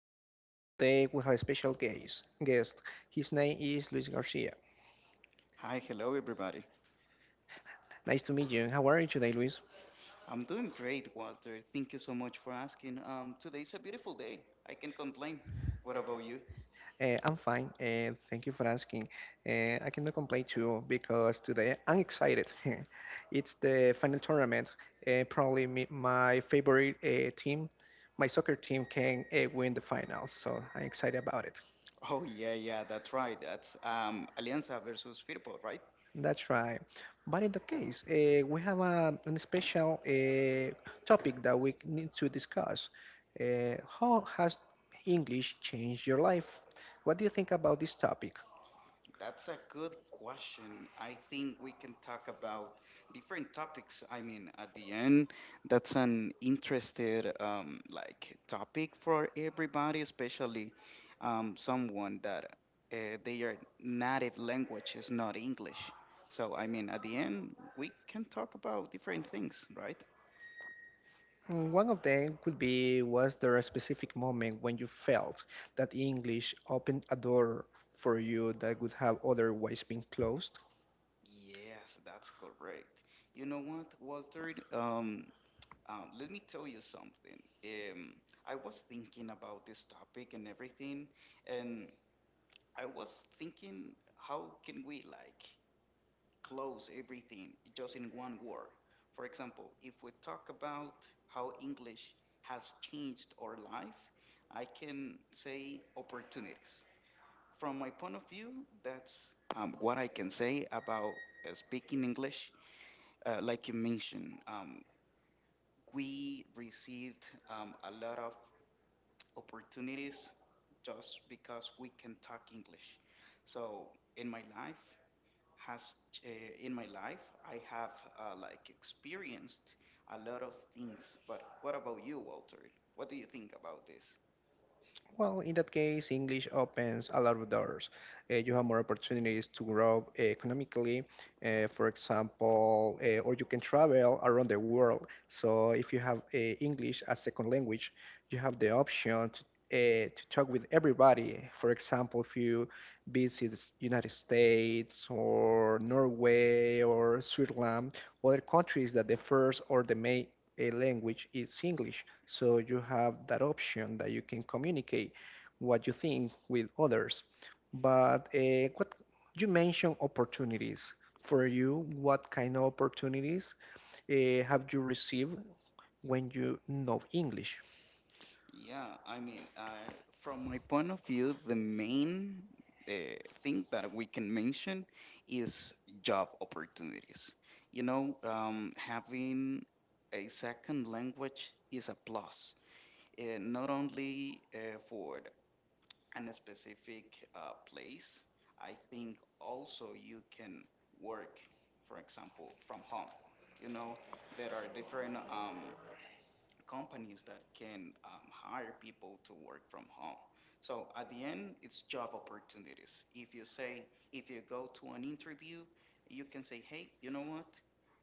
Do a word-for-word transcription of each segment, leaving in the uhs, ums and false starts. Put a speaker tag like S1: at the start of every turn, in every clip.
S1: everybody. Today we have a special guest. Guest. His name is Luis Garcia.
S2: Hi, hello everybody.
S1: Nice to meet you. How are you today, Luis?
S2: I'm doing great, Walter. Thank you so much for asking. Um, today's a beautiful day. I can not complain. What about you?
S1: Uh, I'm fine. Uh, thank you for asking. Uh, I cannot complain too because today I'm excited. It's the final tournament. Uh, probably me, my favorite uh, team, my soccer team can uh, win the finals. So I'm excited about it.
S2: Oh yeah, yeah, that's right. That's um Alianza versus Firpo, right?
S1: That's right. But in the case, uh, we have a, an special uh, topic that we need to discuss. Uh, how has English changed your life? What do you think about this topic?
S2: That's a good question. I think we can talk about different topics. I mean, at the end, that's an interested um, like topic for everybody, especially um, someone that uh, their native language is not English. So, I mean, at the end, we can talk about different things, right?
S1: Mm, one of them could be, was there a specific moment when you felt that English opened a door for you that would have otherwise been closed?
S2: Yes, that's correct. You know what, Walter? Um, Um, let me tell you something. Um, I was thinking about this topic and everything, and I was thinking, how can we like close everything just in one word? For example, if we talk about how English has changed our life, I can say opportunities. From my point of view, that's um, what I can say about uh, speaking English. Uh, like you mentioned, um, we received um, a lot of opportunities just because we can talk English. So in my life has uh, in my life I have uh, like experienced a lot of things. But what about you, Walter? What do you think about this?
S1: Well, in that case, English opens a lot of doors. Uh, you have more opportunities to grow uh, economically, uh, for example, uh, or you can travel around the world. So if you have uh, English as second language, you have the option to, uh, to talk with everybody. For example, if you visit the United States or Norway or Switzerland, other countries that the first or the main uh, language is English. So you have that option that you can communicate what you think with others. But uh, what you mentioned, opportunities. For you, what kind of opportunities uh, have you received when you know English?
S2: Yeah, I mean, uh, from my point of view, the main uh, thing that we can mention is job opportunities. You know, um, having a second language is a plus uh, not only uh, for an specific uh, place, I think also you can work, for example, from home. You know, there are different um, companies that can um, hire people to work from home. So at the end, it's job opportunities. If you say, if you go to an interview, you can say, hey, you know what?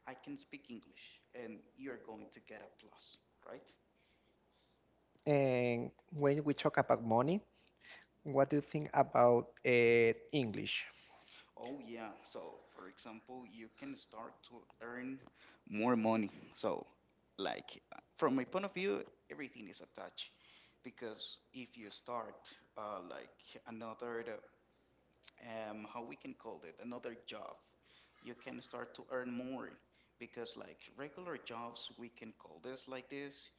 S2: I can speak English, and you're going to get a plus, right?
S1: And when we talk about money, what do you think about uh, English?
S2: Oh yeah. So, for example, you can start to earn more money. So, like uh, from my point of view, everything is attached because if you start uh, like another the- um how we can call it another job, you can start to earn more because like regular jobs, we can call this like this.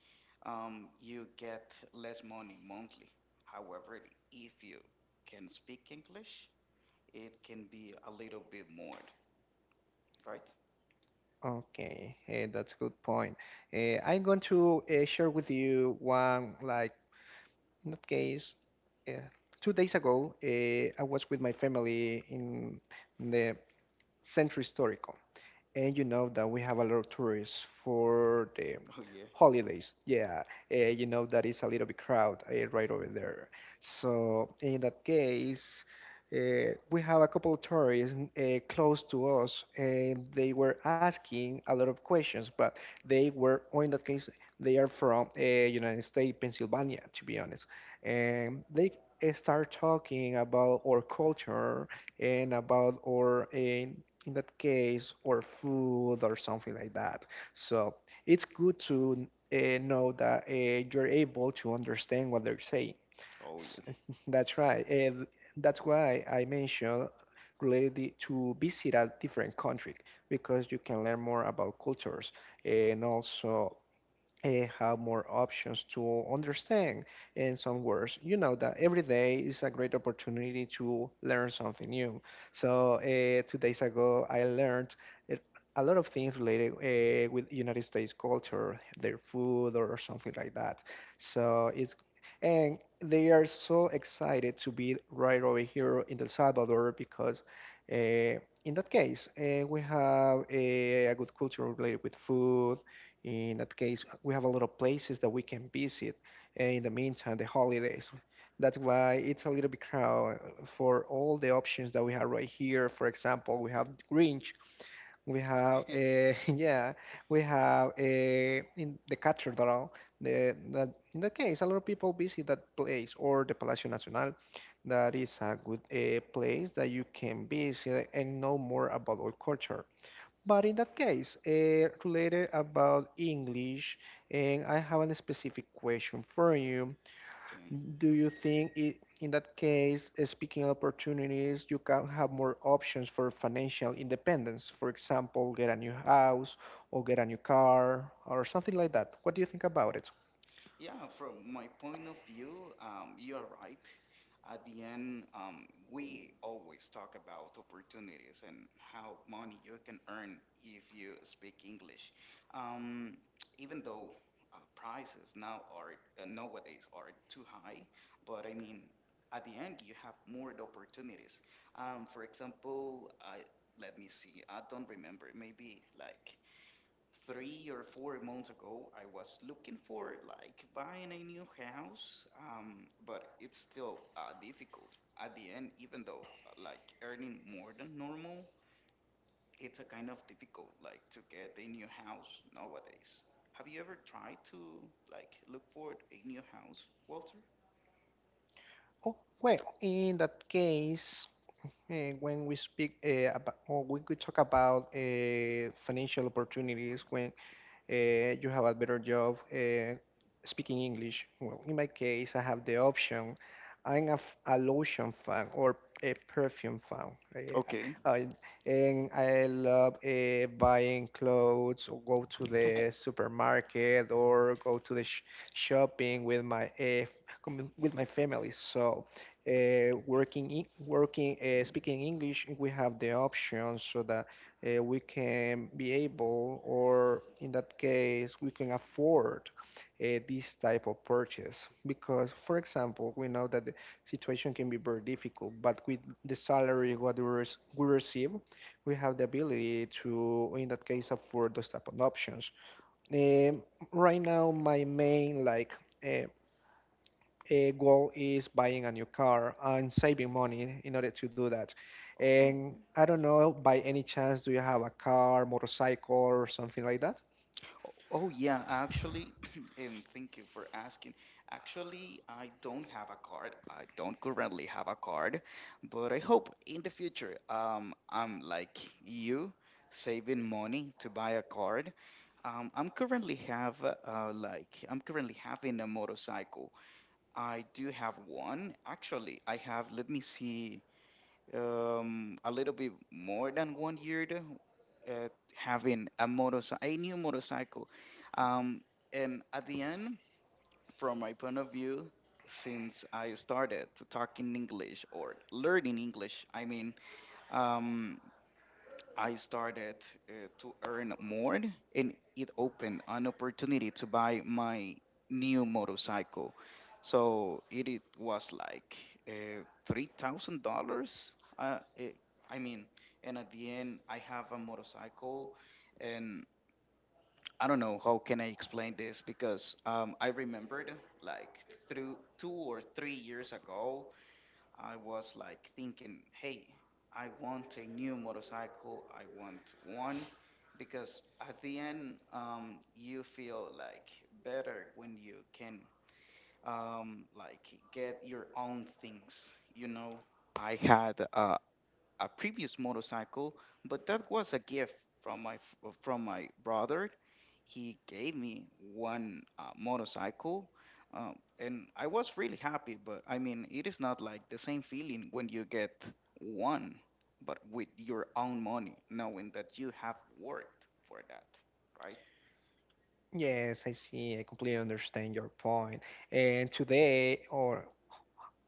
S2: Um, you get less money monthly. However, if you can speak English, it can be a little bit more, right?
S1: Okay, eh, that's a good point. Eh, I'm going to eh, share with you one like, in that case, uh, two days ago, uh, I was with my family in the Centro Histórico. And you know that we have a lot of tourists for the
S2: Oh yeah.
S1: holidays. Yeah, uh, you know that is a little bit crowd uh, right over there. So in that case, uh, we have a couple of tourists uh, close to us, and they were asking a lot of questions. But they were, or in that case, they are from uh, United States, Pennsylvania, to be honest. And they uh, start talking about our culture and about our uh, in that case, or food or something like that. So it's good to uh, know that uh, you're able to understand what they're saying.
S2: Oh
S1: S- That's right. And that's why I mentioned, related it to visit a different country, because you can learn more about cultures and also uh, have more options to understand in some words. You know that every day is a great opportunity to learn something new. So uh, two days ago i learned it- a lot of things related uh, with United States culture, their food or something like that. So it's, and they are so excited to be right over here in El Salvador because uh, in that case, uh, we have a, a good culture related with food. In that case, we have a lot of places that we can visit. And in the meantime, the holidays. That's why it's a little bit crowded for all the options that we have right here. For example, we have Grinch, we have
S2: yeah.
S1: a yeah, we have a in the cathedral. The that in that case, a lot of people visit that place or the Palacio Nacional. That is a good uh, place that you can visit and know more about our culture. But in that case, uh, related about English, and I have a specific question for you.
S2: Okay.
S1: Do you think it, in that case, uh, speaking of opportunities, you can have more options for financial independence? For example, get a new house or get a new car or something like that. What do you think about it?
S2: Yeah, from my point of view, um, you are right. At the end, um, we always talk about opportunities and how money you can earn if you speak English. Um, Even though uh, prices now are uh, nowadays are too high, but I mean, at the end, you have more opportunities. Um, for example, I, let me see. I don't remember. Maybe like three or four months ago, I was looking for like buying a new house, um, but it's still uh, difficult. At the end, even though uh, like earning more than normal, it's a kind of difficult like to get a new house nowadays. Have you ever tried to like look for a new house, Walter?
S1: Oh, well, in that case, eh, when we speak uh, about, or we could talk about uh, financial opportunities, when uh, you have a better job uh, speaking English. Well, in my case, I have the option. I'm a f- a lotion fan or a perfume fan. Eh,
S2: Okay.
S1: I, and I love uh, buying clothes or go to the supermarket or go to the sh- shopping with my uh, com- with my family. So uh, working in, working uh, speaking English, we have the option so that uh, we can be able, or in that case, we can afford uh, this type of purchase. Because, for example, we know that the situation can be very difficult, but with the salary what we, rec- we receive, we have the ability to, in that case, afford those type of options. Um, right now, my main like uh, uh, goal is buying a new car and saving money in order to do that.
S2: Oh, okay.
S1: And I don't know, by any chance, do you have a car, motorcycle, or something like that?
S2: Oh, oh, yeah, actually, and thank you for asking. Actually, I don't have a card. I don't currently have a card, but I hope in the future, um, I'm like you, saving money to buy a card. Um, I'm currently have uh, like I'm currently having a motorcycle. I do have one. Actually, I have, let me see um, a little bit more than one year though, at having a motorcycle, a new motorcycle. Um, and at the end, from my point of view, since I started to talking English or learning English, I mean, um, I started uh, to earn more, and it opened an opportunity to buy my new motorcycle. So it, it was like uh, three thousand dollars. Uh, eh, I mean, and at the end, I have a motorcycle, and I don't know how can I explain this because um, I remembered like through two or three years ago. I was like thinking, hey, I want a new motorcycle. I want one because at the end, um, you feel like better when you can, um, like get your own things, you know. I had uh, a previous motorcycle, but that was a gift from my f- from my brother. He gave me one uh, motorcycle, um, and I was really happy. But I mean, it is not like the same feeling when you get one, but with your own money, knowing that you have worked for that, right?
S1: Yes, I see. I completely understand your point. And today, or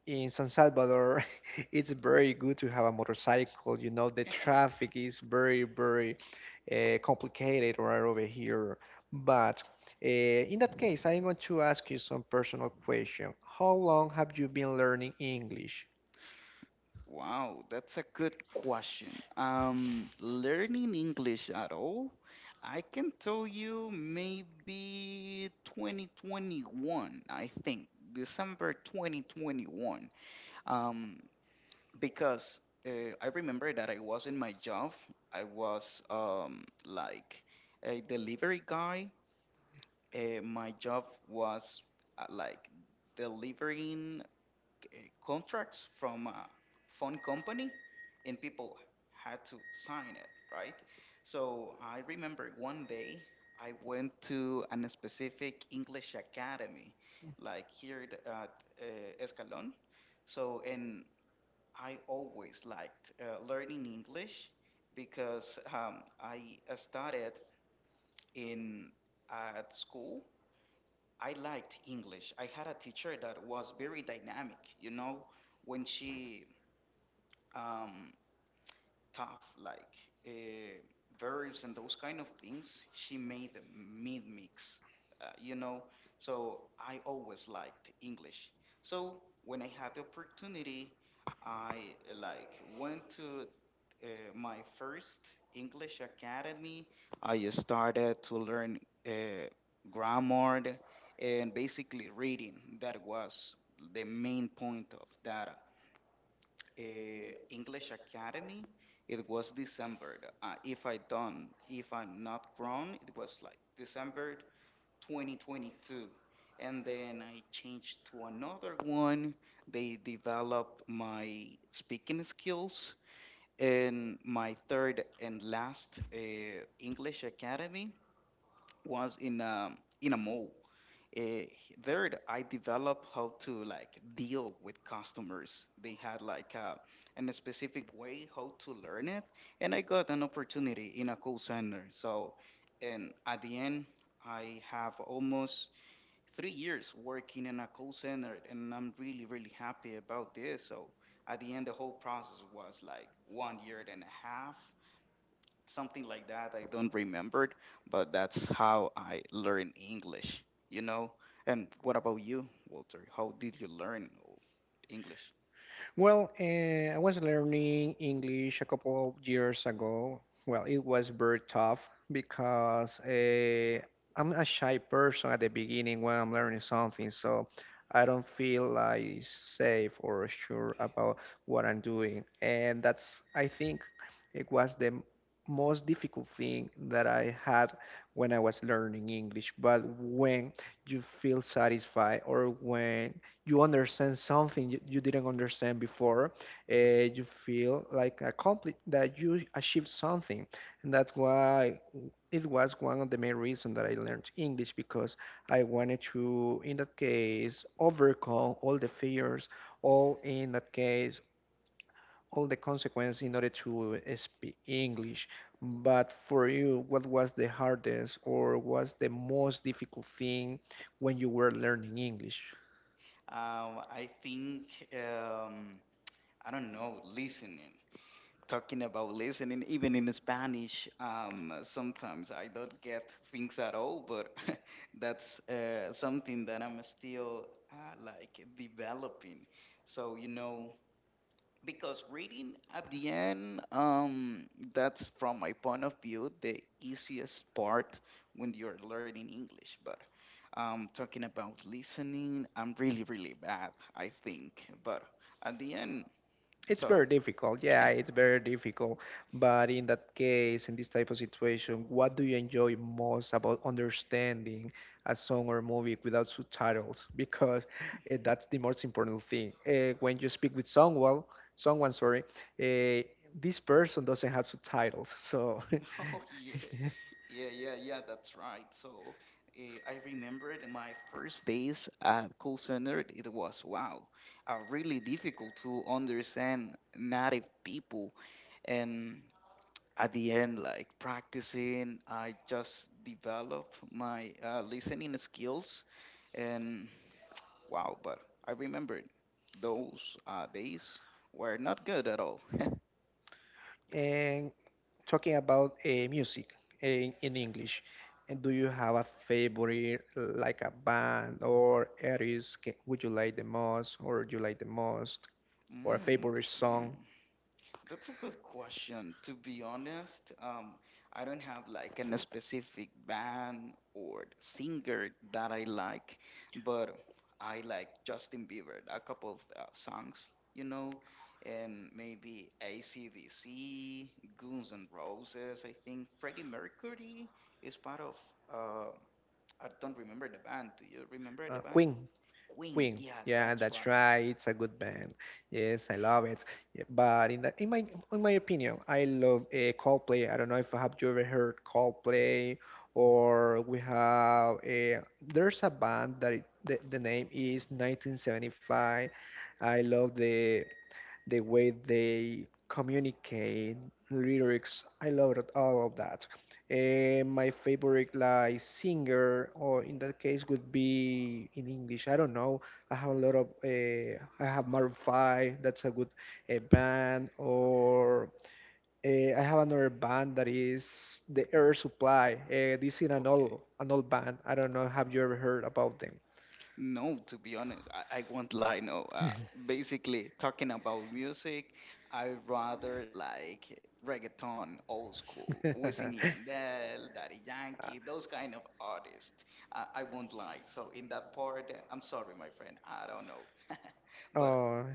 S1: in San Salvador, it's very good to have a motorcycle. You know, the traffic is very, very uh, complicated right over here. But uh, in that case, I'm going to ask you some personal question. How long have you been learning English?
S2: Wow, that's a good question. Um, learning English at all? I can tell you maybe twenty twenty-one, I think, December twenty twenty-one. Um, because uh, I remember that I was in my job. I was um, like a delivery guy. Uh, my job was uh, like delivering uh, contracts from a phone company and people had to sign it, right? So I remember one day I went to an specific English academy, like here at at, uh, Escalon. So, and I always liked uh, learning English because um, I uh, started in at school. I liked English. I had a teacher that was very dynamic, you know, when she um, tough, like uh, verbs and those kind of things. She made the mid mix, uh, you know. So I always liked English. So when I had the opportunity, I uh, like went to uh, my first English academy. I started to learn uh, grammar and basically reading. That was the main point of that a English academy, it was December. Uh, if I done, if I'm not wrong, it was like December twenty twenty-two. And then I changed to another one. They developed my speaking skills. And my third and last uh, English academy was in a, in a mall. Eh, there th- I developed how to like deal with customers. They had like a in a specific way how to learn it, and I got an opportunity in a call center. So, and at the end, I have almost three years working in a call center, and I'm really really happy about this. So, at the end, the whole process was like one year and a half, something like that. I don't remember it, but that's how I learned English, you know? And what about you, Walter? How did you learn English?
S1: Well, uh, I was learning English a couple of years ago. Well, it was very tough because uh, I'm a shy person at the beginning when I'm learning something, so I don't feel like safe or sure about what I'm doing. And that's, I think, it was the m- most difficult thing that I had when I was learning English. But when you feel satisfied or when you understand something you, you didn't understand before, uh, you feel like accompli, that you achieved something. And that's why it was one of the main reasons that I learned English, because I wanted to, in that case, overcome all the fears, all, in that case, all the consequences in order to uh, speak English. But for you, what was the hardest or was the most difficult thing when you were learning English?
S2: Um, I think, um, I don't know, listening. Talking about listening, even in Spanish, um, sometimes I don't get things at all, but that's uh, something that I'm still uh, like developing. So, you know, because reading at the end, um that's from my point of view the easiest part when you're learning English. But um talking about listening, I'm really really bad, I think. But at the end,
S1: It's very
S2: so.
S1: difficult. Yeah, it's very difficult. But in that case, in this type of situation, what do you enjoy most about understanding a song or movie without subtitles? Because uh, that's the most important thing. Uh, when you speak with someone, well, someone, sorry, uh, this person doesn't have subtitles. So,
S2: Oh yeah, yeah, yeah, yeah, that's right. So, eh, I remembered my first days at call center. It was wow, uh, really difficult to understand native people, and at the end, like practicing, I just develop my uh, listening skills, and wow! But I remember those uh, days were not good at all.
S1: and talking about uh, music, eh, in, in English, and do you have a favorite, like a band or artist? ca- Would you like the most, or you like the most, or a
S2: Mm,
S1: favorite
S2: okay.
S1: song?
S2: That's a good question. To be honest, um, I don't have like an specific band or singer that I like, but I like Justin Bieber, a couple of uh, songs, you know, and maybe A C/D C, Guns N' Roses. I think Freddie Mercury is part of. Uh, I don't remember the band. Do you remember
S1: Uh,
S2: the band?
S1: Queen.
S2: Queen.
S1: Queen.
S2: Yeah,
S1: Yeah,
S2: that's
S1: that's
S2: right.
S1: right. It's a good band. Yes, I love it. Yeah, but in the, in my, in my opinion, I love uh, Coldplay. I don't know if have you ever heard Coldplay? Or we have a, there's a band that it, the, the name is nineteen seventy-five. I love the the way they communicate lyrics. I love it, all of that. Eh, my favorite like singer, or in that case, would be in English, I don't know, I have a lot of. Uh, I have Maroon five. That's a good uh, band. Or uh, I have another band that is the Air Supply. Uh, this is an
S2: Okay.
S1: old, an old band. I don't know. Have you ever heard about them?
S2: No, to be honest, I, I won't lie. No, uh, basically talking about music, I rather like reggaeton, old school, Wisin y Yandel, Daddy Yankee, those kind of artists. I, I won't lie. So in that part, I'm sorry, my friend, I don't know. But
S1: Oh,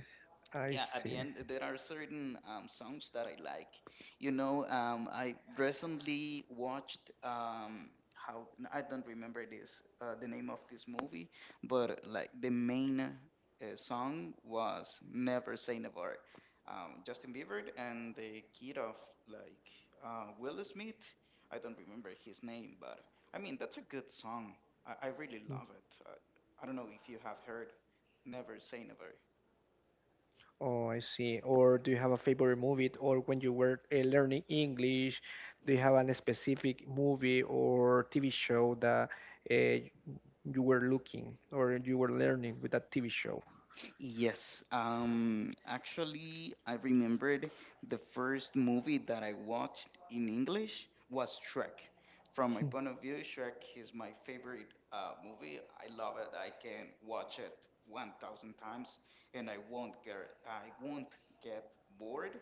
S1: I
S2: yeah, at the
S1: see.
S2: end, there are certain um, songs that I like. you know um, I recently watched, um, how n- I don't remember this uh, the name of this movie, but like the main uh, song was Never Say Never, um, Justin Bieber and the kid of like uh, Will Smith. I don't remember his name, but I mean, that's a good song. I, I really love it, uh, I don't know if you have heard Never Say Never.
S1: Oh, I see. Or do you have a favorite movie, or when you were uh, learning English, do you have a specific movie or T V show that uh, you were looking or you were learning with that T V show?
S2: Yes, um, actually, I remembered the first movie that I watched in English was Shrek. From my point of view, Shrek is my favorite uh, movie. I love it. I can watch it one thousand times, and I won't get I won't get bored.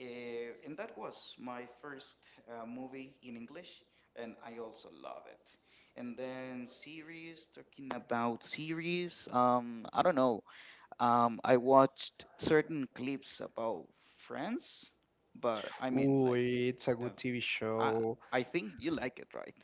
S2: Uh, and that was my first uh, movie in English, and I also love it. And then series, talking about series, um, I don't know. Um, I watched certain clips about France, but I mean,
S1: Ooh,
S2: like,
S1: it's a
S2: the,
S1: good T V
S2: I
S1: show.
S2: I think you like it, right?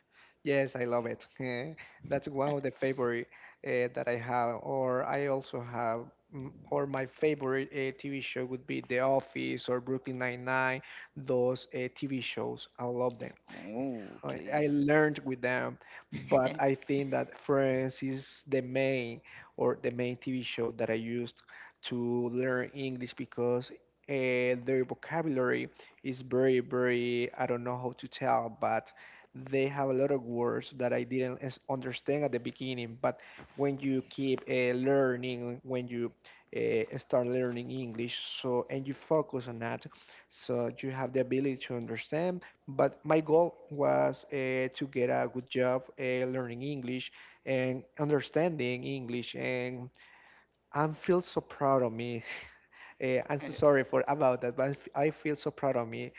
S1: Yes, I love it. Eh, that's one of the favorite uh, that I have. Or I also have, mm, or my favorite uh, T V show would be The Office or Brooklyn Nine-Nine. Those uh, T V shows, I love them.
S2: Oh,
S1: I I
S2: okay.
S1: learned with them, but I think that Friends is the main or the main T V show that I used to learn English because uh, their vocabulary is very, very, I don't know how to tell, but they have a lot of words that I didn't es- understand at the beginning. But when you keep uh, learning, when you uh, start learning English, so, and you focus on that, so you have the ability to understand. But my goal was uh, to get a good job uh, learning English and understanding English, and I feel so proud of me. Uh, I'm so sorry for about that, but I f- I feel so proud of me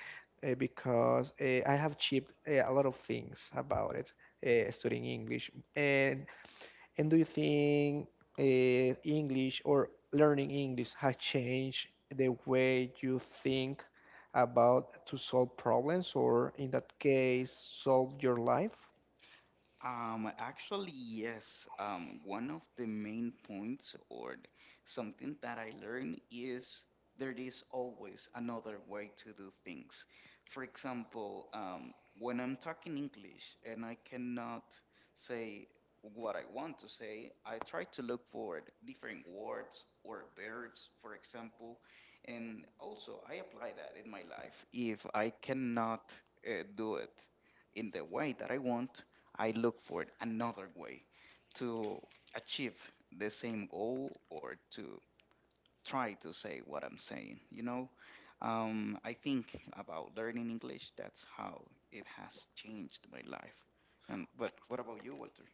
S1: uh, because uh, I have achieved uh, a lot of things about it, uh, studying English. And and do you think uh, English or learning English has changed the way you think about to solve problems, or in that case, solve your life?
S2: Um, actually, yes. Um, one of the main points or th- something that I learned is there is always another way to do things. For example, um, when I'm talking English and I cannot say what I want to say, I try to look for different words or verbs, for example, and also I apply that in my life. If I cannot uh, do it in the way that I want, I look for another way to achieve the same goal or to try to say what I'm saying. You know, um, I think about learning English. That's how it has changed my life. And but what about you, Walter?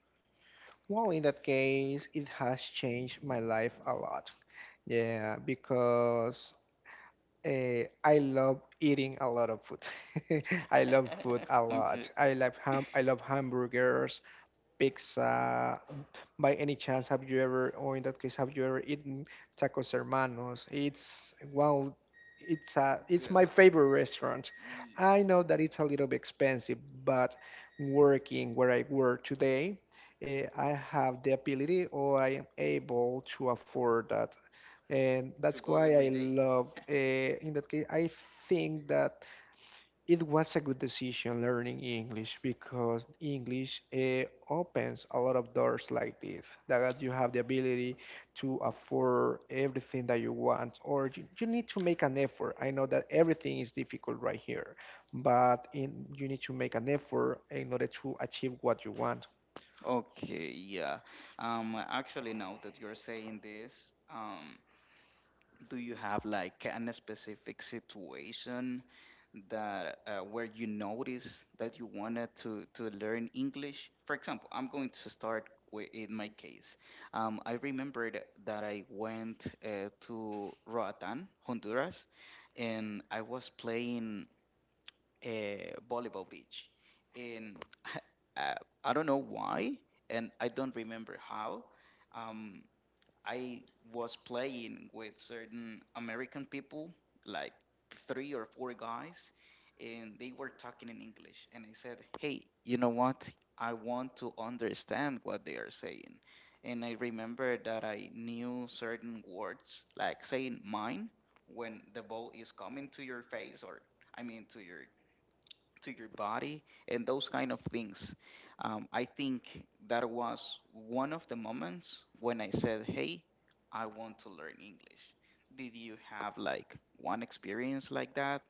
S1: Well, in that case, it has changed my life a lot. Yeah, because uh, I love eating a lot of food. I love food a lot.
S2: Okay,
S1: I love ham. I love hamburgers, pizza. By any chance, have you ever, or in that case, have you ever eaten Tacos Hermanos? It's wow, it's uh, it's my
S2: good.
S1: favorite restaurant. I
S2: Yes,
S1: know that it's a little bit expensive, but working where I work today, eh, I have the ability or I am able to afford that. And
S2: to
S1: that's
S2: go
S1: why
S2: every
S1: I
S2: day.
S1: love, uh, in that case, I think that it was a good decision learning English because English uh, opens a lot of doors like this. That you have the ability to afford everything that you want, or you, you need to make an effort. I know that everything is difficult right here, but in, you need to make an effort in order to achieve what you want.
S2: Okay, yeah. Um, actually, now that you're saying this, um, do you have like an specific situation that uh, where you notice that you wanted to to learn English? For example, I'm going to start with in my case. Um, I remembered that I went uh, to Roatan, Honduras, and I was playing a volleyball beach, and uh, I don't know why, and I don't remember how. Um, I was playing with certain American people, like three or four guys, and they were talking in English. And I said, "Hey, you know what? I want to understand what they are saying." And I remember that I knew certain words, like saying "mine" when the ball is coming to your face, or I mean to your to your body and those kind of things. Um, I think that was one of the moments when I said, "Hey, I want to learn English." Did you have like one experience like that?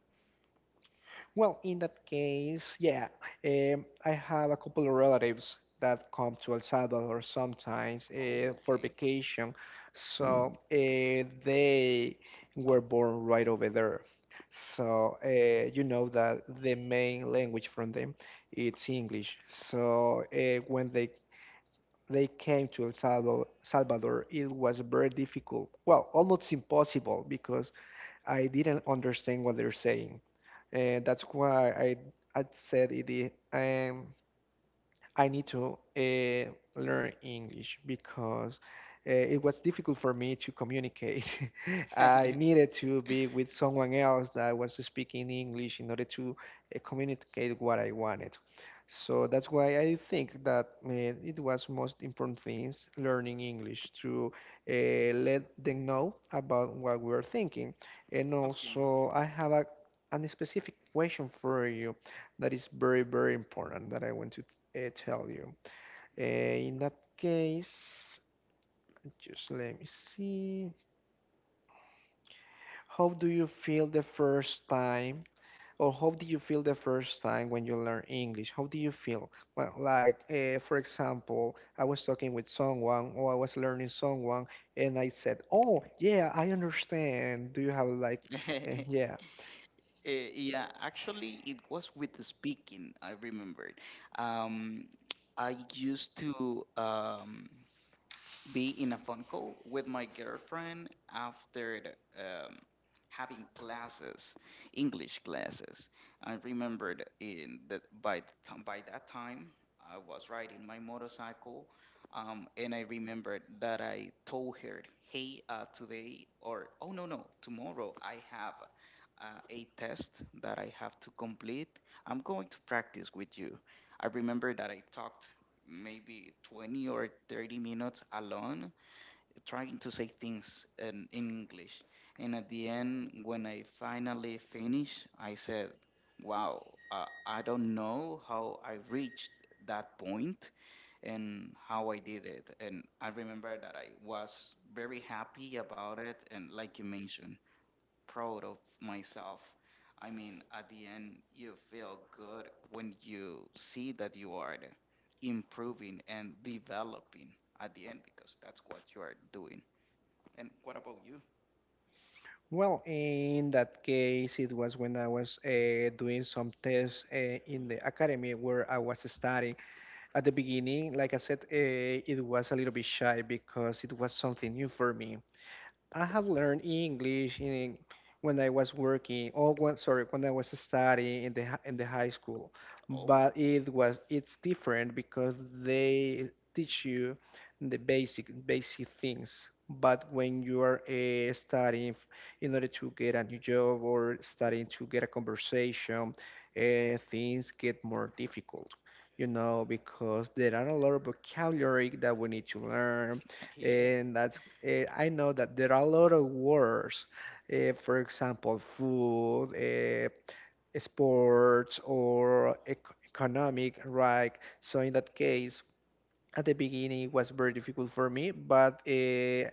S1: Well, in that case, yeah, um, I have a couple of relatives that come to El Salvador sometimes uh,
S2: Oh,
S1: for vacation, so uh, they were born right over there. So uh, you know that the main language from them it's English. So uh, when they they came to El Salvador, Salvador, it was very difficult. Well, almost impossible because I didn't understand what they're saying. And that's why I I said it. i- Um, I need to uh, learn English because uh, it was difficult for me to communicate. I
S2: okay.
S1: needed to be with someone else that was speaking English in order to uh, communicate what I wanted. So that's why I think that uh, it was most important things learning English to uh, let them know about what we're thinking. And also, I have a, a specific question for you that is very, very important that I want to uh, tell you. Uh, in that case, just let me see. How do you feel the first time, or how did you feel the first time when you learn English? How do you feel? Well, like uh, for example, I was talking with someone, or I was learning someone, and I said, "Oh, yeah, I understand." Do you have like, uh,
S2: Okay.
S1: yeah?
S2: Eh, yeah, actually, it was with the speaking, I remembered. Um, I used to um, be in a phone call with my girlfriend after um, having classes, English classes. I remembered in that by the time, by that time I was riding my motorcycle, um, and I remembered that I told her, "Hey, uh, today or oh no no tomorrow I have Uh, a test that I have to complete. I'm going to practice with you." I remember that I talked maybe twenty or thirty minutes alone trying to say things in English. And at the end, when I finally finished, I said, "Wow, uh, I don't know how I reached that point and how I did it." And I remember that I was very happy about it. And like you mentioned, proud of myself. I mean, at the end, you feel good when you see that you are improving and developing at the end, because that's what you are doing. And what about you?
S1: Well, in that case, it was when I was uh, doing some tests uh, in the academy where I was studying. At the beginning, like I said, uh, it was a little bit shy because it was something new for me. I have learned English in when I was working, or when, sorry, when I was studying in the hi- in the high school.
S2: Oh,
S1: But it was it's different because they teach you the basic basic things. But when you are uh, studying f- in order to get a new job or studying to get a conversation, uh, things get more difficult. You know, because there are a lot of vocabulary that we need to learn,
S2: yeah.
S1: and that's uh, I know that there are a lot of words, uh, for example, food, uh, sports, or ec- economic, right? So in that case, at the beginning it was very difficult for me, but uh,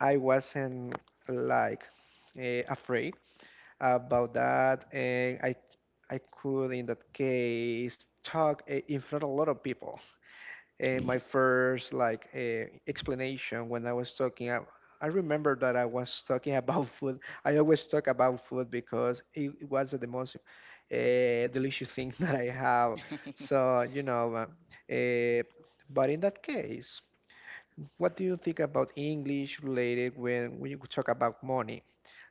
S1: I wasn't like uh, afraid about that, and I I could in that case talk uh, in front of a lot of people, uh, my first like uh, explanation when I was talking. I, I remember that I was talking about food. I always talk about food because it, it was the most uh, delicious thing that I have. So you know, uh, uh, but in that case, what do you think about English related when we talk about money?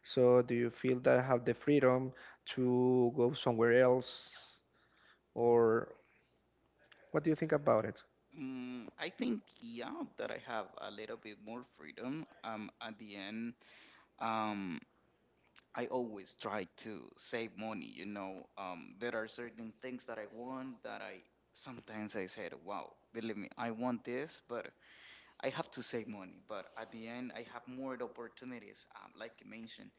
S1: So do you feel that I have the freedom to go somewhere else, or what do you think about it?
S2: Mm, I think yeah that I have a little bit more freedom um at the end. Um I always try to save money, you know. Um, there are certain things that I want that I sometimes I said, wow, believe me, I want this, but I have to save money. But at the end, I have more opportunities, um, like you mentioned.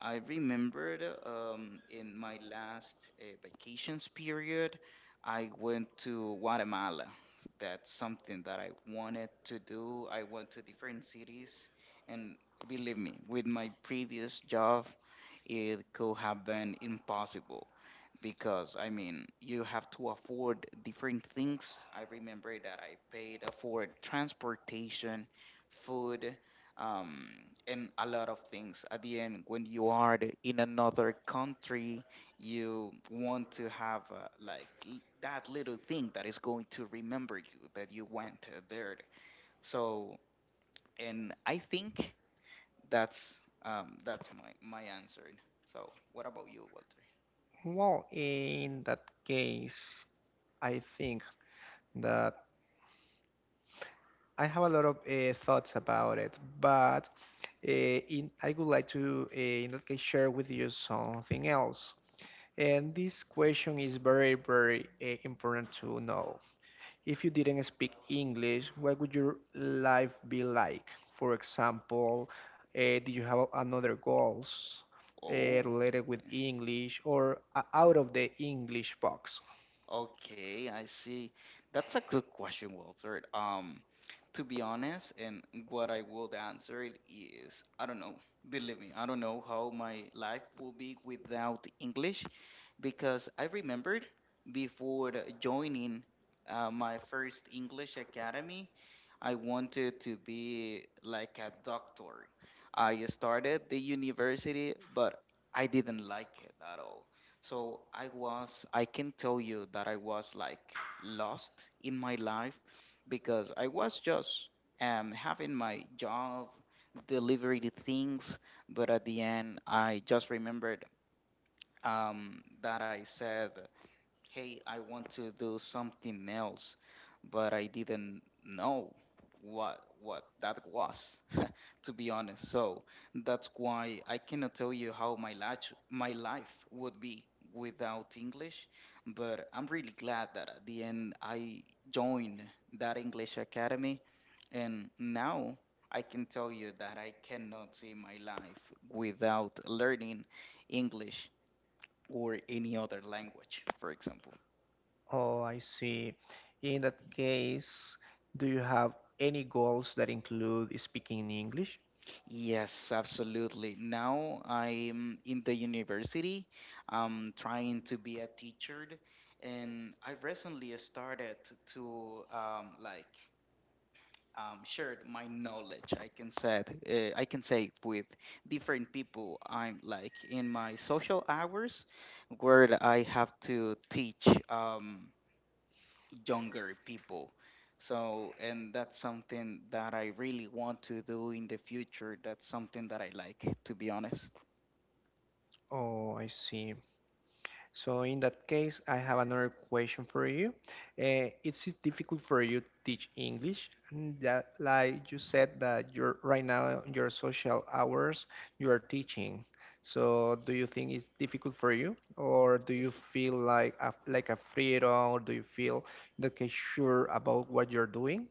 S2: I remembered um, in my last uh, vacations period, I went to Guatemala. That's something that I wanted to do. I went to different cities, and believe me, with my previous job, it could have been impossible, because I mean, you have to afford different things. I remember that I paid for transportation, food, um, and a lot of things. At the end, when you are the- in another country, you want to have uh, like l- that little thing that is going to remember you that you went uh, there. So, and I think that's um, that's my my answer. So, what about you, Walter?
S1: Well, in that case, I think that I have a lot of uh, thoughts about it, but uh, in, I would like to, uh, in that case, share with you something else. And this question is very, very uh, important to know. If you didn't speak English, what would your life be like? For example, uh, do you have another goals uh,
S2: Oh.
S1: related with English or uh, out of the English box?
S2: Okay, I see. That's a good question, Walter. Um, to be honest, and what I would answer it is, I don't know. Believe me, I don't know how my life will be without English, because I remembered before the joining uh, my first English academy, I wanted to be like a doctor. I started the university, but I didn't like it at all. So I was, I can tell you that I was like lost in my life, because I was just um, having my job, delivering the things, but at the end, I just remembered um, that I said, "Hey, I want to do something else," but I didn't know what what that was, to be honest. So that's why I cannot tell you how my life my life would be without English, but I'm really glad that at the end I joined that English academy, and now. I can tell you that I cannot see my life without learning English or any other language, for example.
S1: Oh, I see. In that case, do you have any goals that include speaking in English?
S2: Yes, absolutely. Now I'm in the university. I'm trying to be a teacher, and I recently started to um, like um, share my knowledge. I can said uh, I can say with different people. I'm like in my social hours where I have to teach. Um, younger people. So, and that's something that I really want to do in the future. That's something that I like, to be honest.
S1: Oh, I see. So in that case, I have another question for you. Uh, it's difficult for you to teach English, and that, like you said that you're right now in your social hours, you are teaching. So do you think it's difficult for you, or do you feel like a, like a freedom, or do you feel that okay, sure about what you're doing?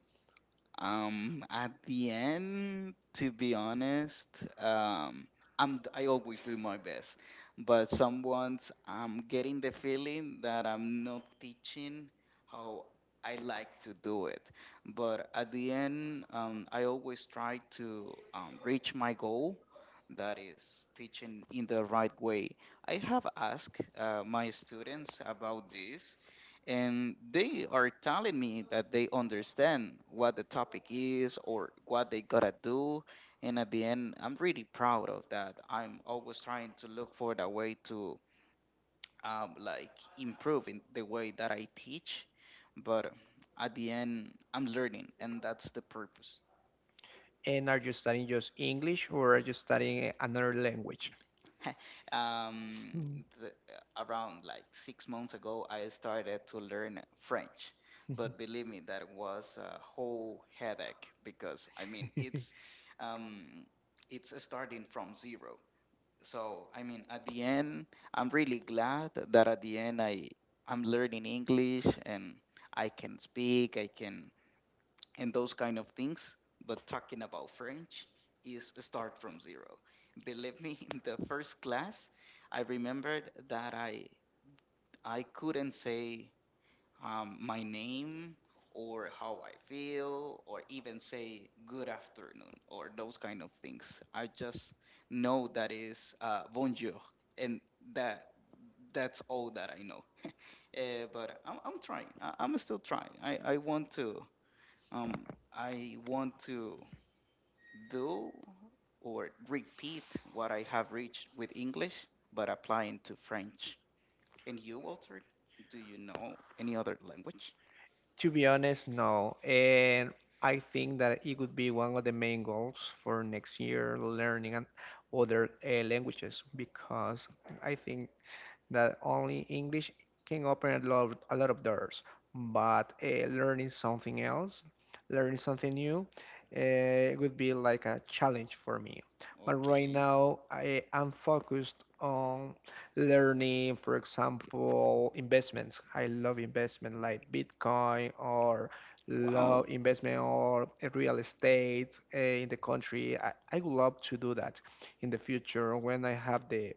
S2: Um, at the end, to be honest, um, I'm d- I always do my best, but someone's I'm getting the feeling that I'm not teaching how I like to do it. But at the end, um, I always try to um, reach my goal that is teaching in the right way. I have asked uh, my students about this, and they are telling me that they understand what the topic is or what they gotta do. And at the end, I'm really proud of that. I'm always trying to look for the way to um, like improve in the way that I teach, but at the end, I'm learning, and that's the purpose.
S1: And are you studying just English or are you studying another language?
S2: um,
S1: Hmm.
S2: the, uh, around like six months ago, I started to learn French. But believe me, that was a whole headache, because I mean it's um, it's starting from zero. So I mean, at the end, I'm really glad that at the end I I'm learning English and I can speak. I can and those kind of things. But talking about French is a start from zero. Believe me, in the first class, I remembered that I I couldn't say um, my name or how I feel or even say good afternoon or those kind of things. I just know that is uh, bonjour, and that that's all that I know. Uh, but I'm, I'm trying. I, I'm still trying. I, I want to um I want to do or repeat what I have reached with English, but applying to French. And you, Walter, do you know any other language?
S1: To be honest, no. And I think that it would be one of the main goals for next year learning an- other uh, languages because I think that only English can open a lot, a lot of doors. But uh, learning something else, learning something new, uh, it would be like a challenge for me. But right
S2: Okay.
S1: now, I am focused on learning, for example, investments. I love investment like Bitcoin or
S2: Wow.
S1: love investment or uh, real estate uh, in the country. I, I would love to do that in the future when I have the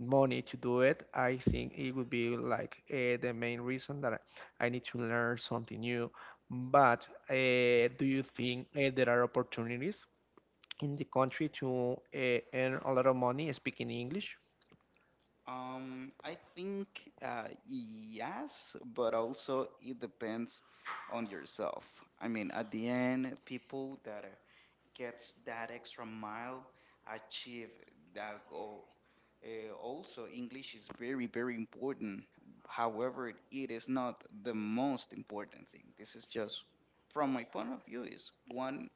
S1: money to do it, I think it would be like uh, the main reason that I need to learn something new. But uh, do you think uh, there are opportunities in the country to uh, earn a lot of money speaking English?
S2: Um, I think uh, yes, but also it depends on yourself. I mean, at the end, people that uh, gets that extra mile, achieve that goal. Uh, also, English is very, very important. However, it it is not the most important thing. This is just, from my point of view, is one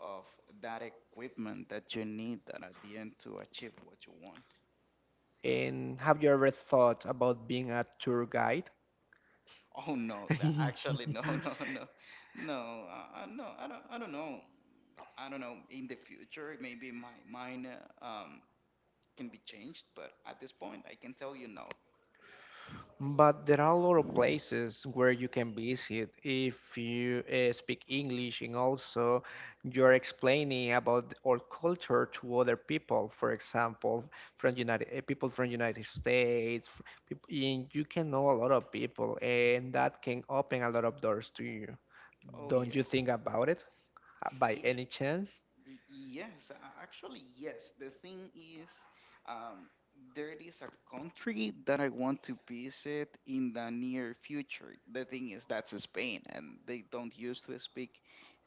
S2: of that equipment that you need that at the end to achieve what you want.
S1: And have you ever thought about being a tour guide?
S2: Oh no, that- actually no, no, no, no, uh, uh, no. I don't, I don't know. I don't know. In the future, maybe my mine, uh, um, can be changed, but at this point, I can tell you no.
S1: But there are a lot of places where you can visit if you uh, speak English and also you're explaining about our culture to other people, for example, from United uh, people from United States, f- peop- and you can know a lot of people, and that can open a lot of doors to you.
S2: Oh,
S1: Don't you
S2: yes.
S1: think about it uh, by any chance?
S2: Yes, a- actually, yes. The thing is, um, there is a country that I want to visit in the near future. The thing is, that's Spain, and they don't used to speak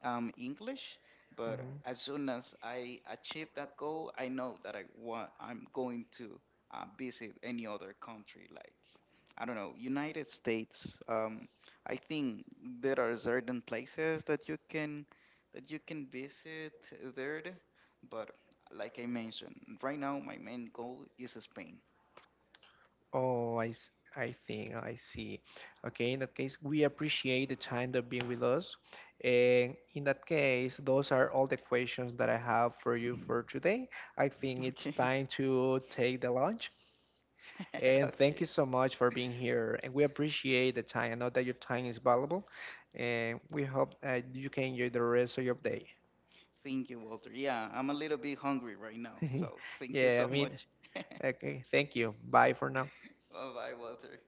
S2: um, English. But as soon as I achieve that goal, I know that I want I'm going to uh, visit any other country, like I don't know, United States. Um, I think there are certain places that you can that you can visit there. But like I mentioned, right now my main goal is Spain.
S1: Oh, I, s- I think I see. Okay, in that case, we appreciate the time that being with us. And in that case, those are all the questions that I have for you for today. I think it's
S2: Okay.
S1: time to take the lunch. And thank
S2: Okay.
S1: you so much for being here. And we appreciate the time. I know that your time is valuable. And we hope uh, you can enjoy the rest of your day.
S2: Thank you, Walter. Yeah, I'm a little bit hungry right now. So thank you
S1: Yeah,
S2: so
S1: I mean,
S2: much. Bye
S1: okay, thank you. Bye for now.
S2: bye, Walter.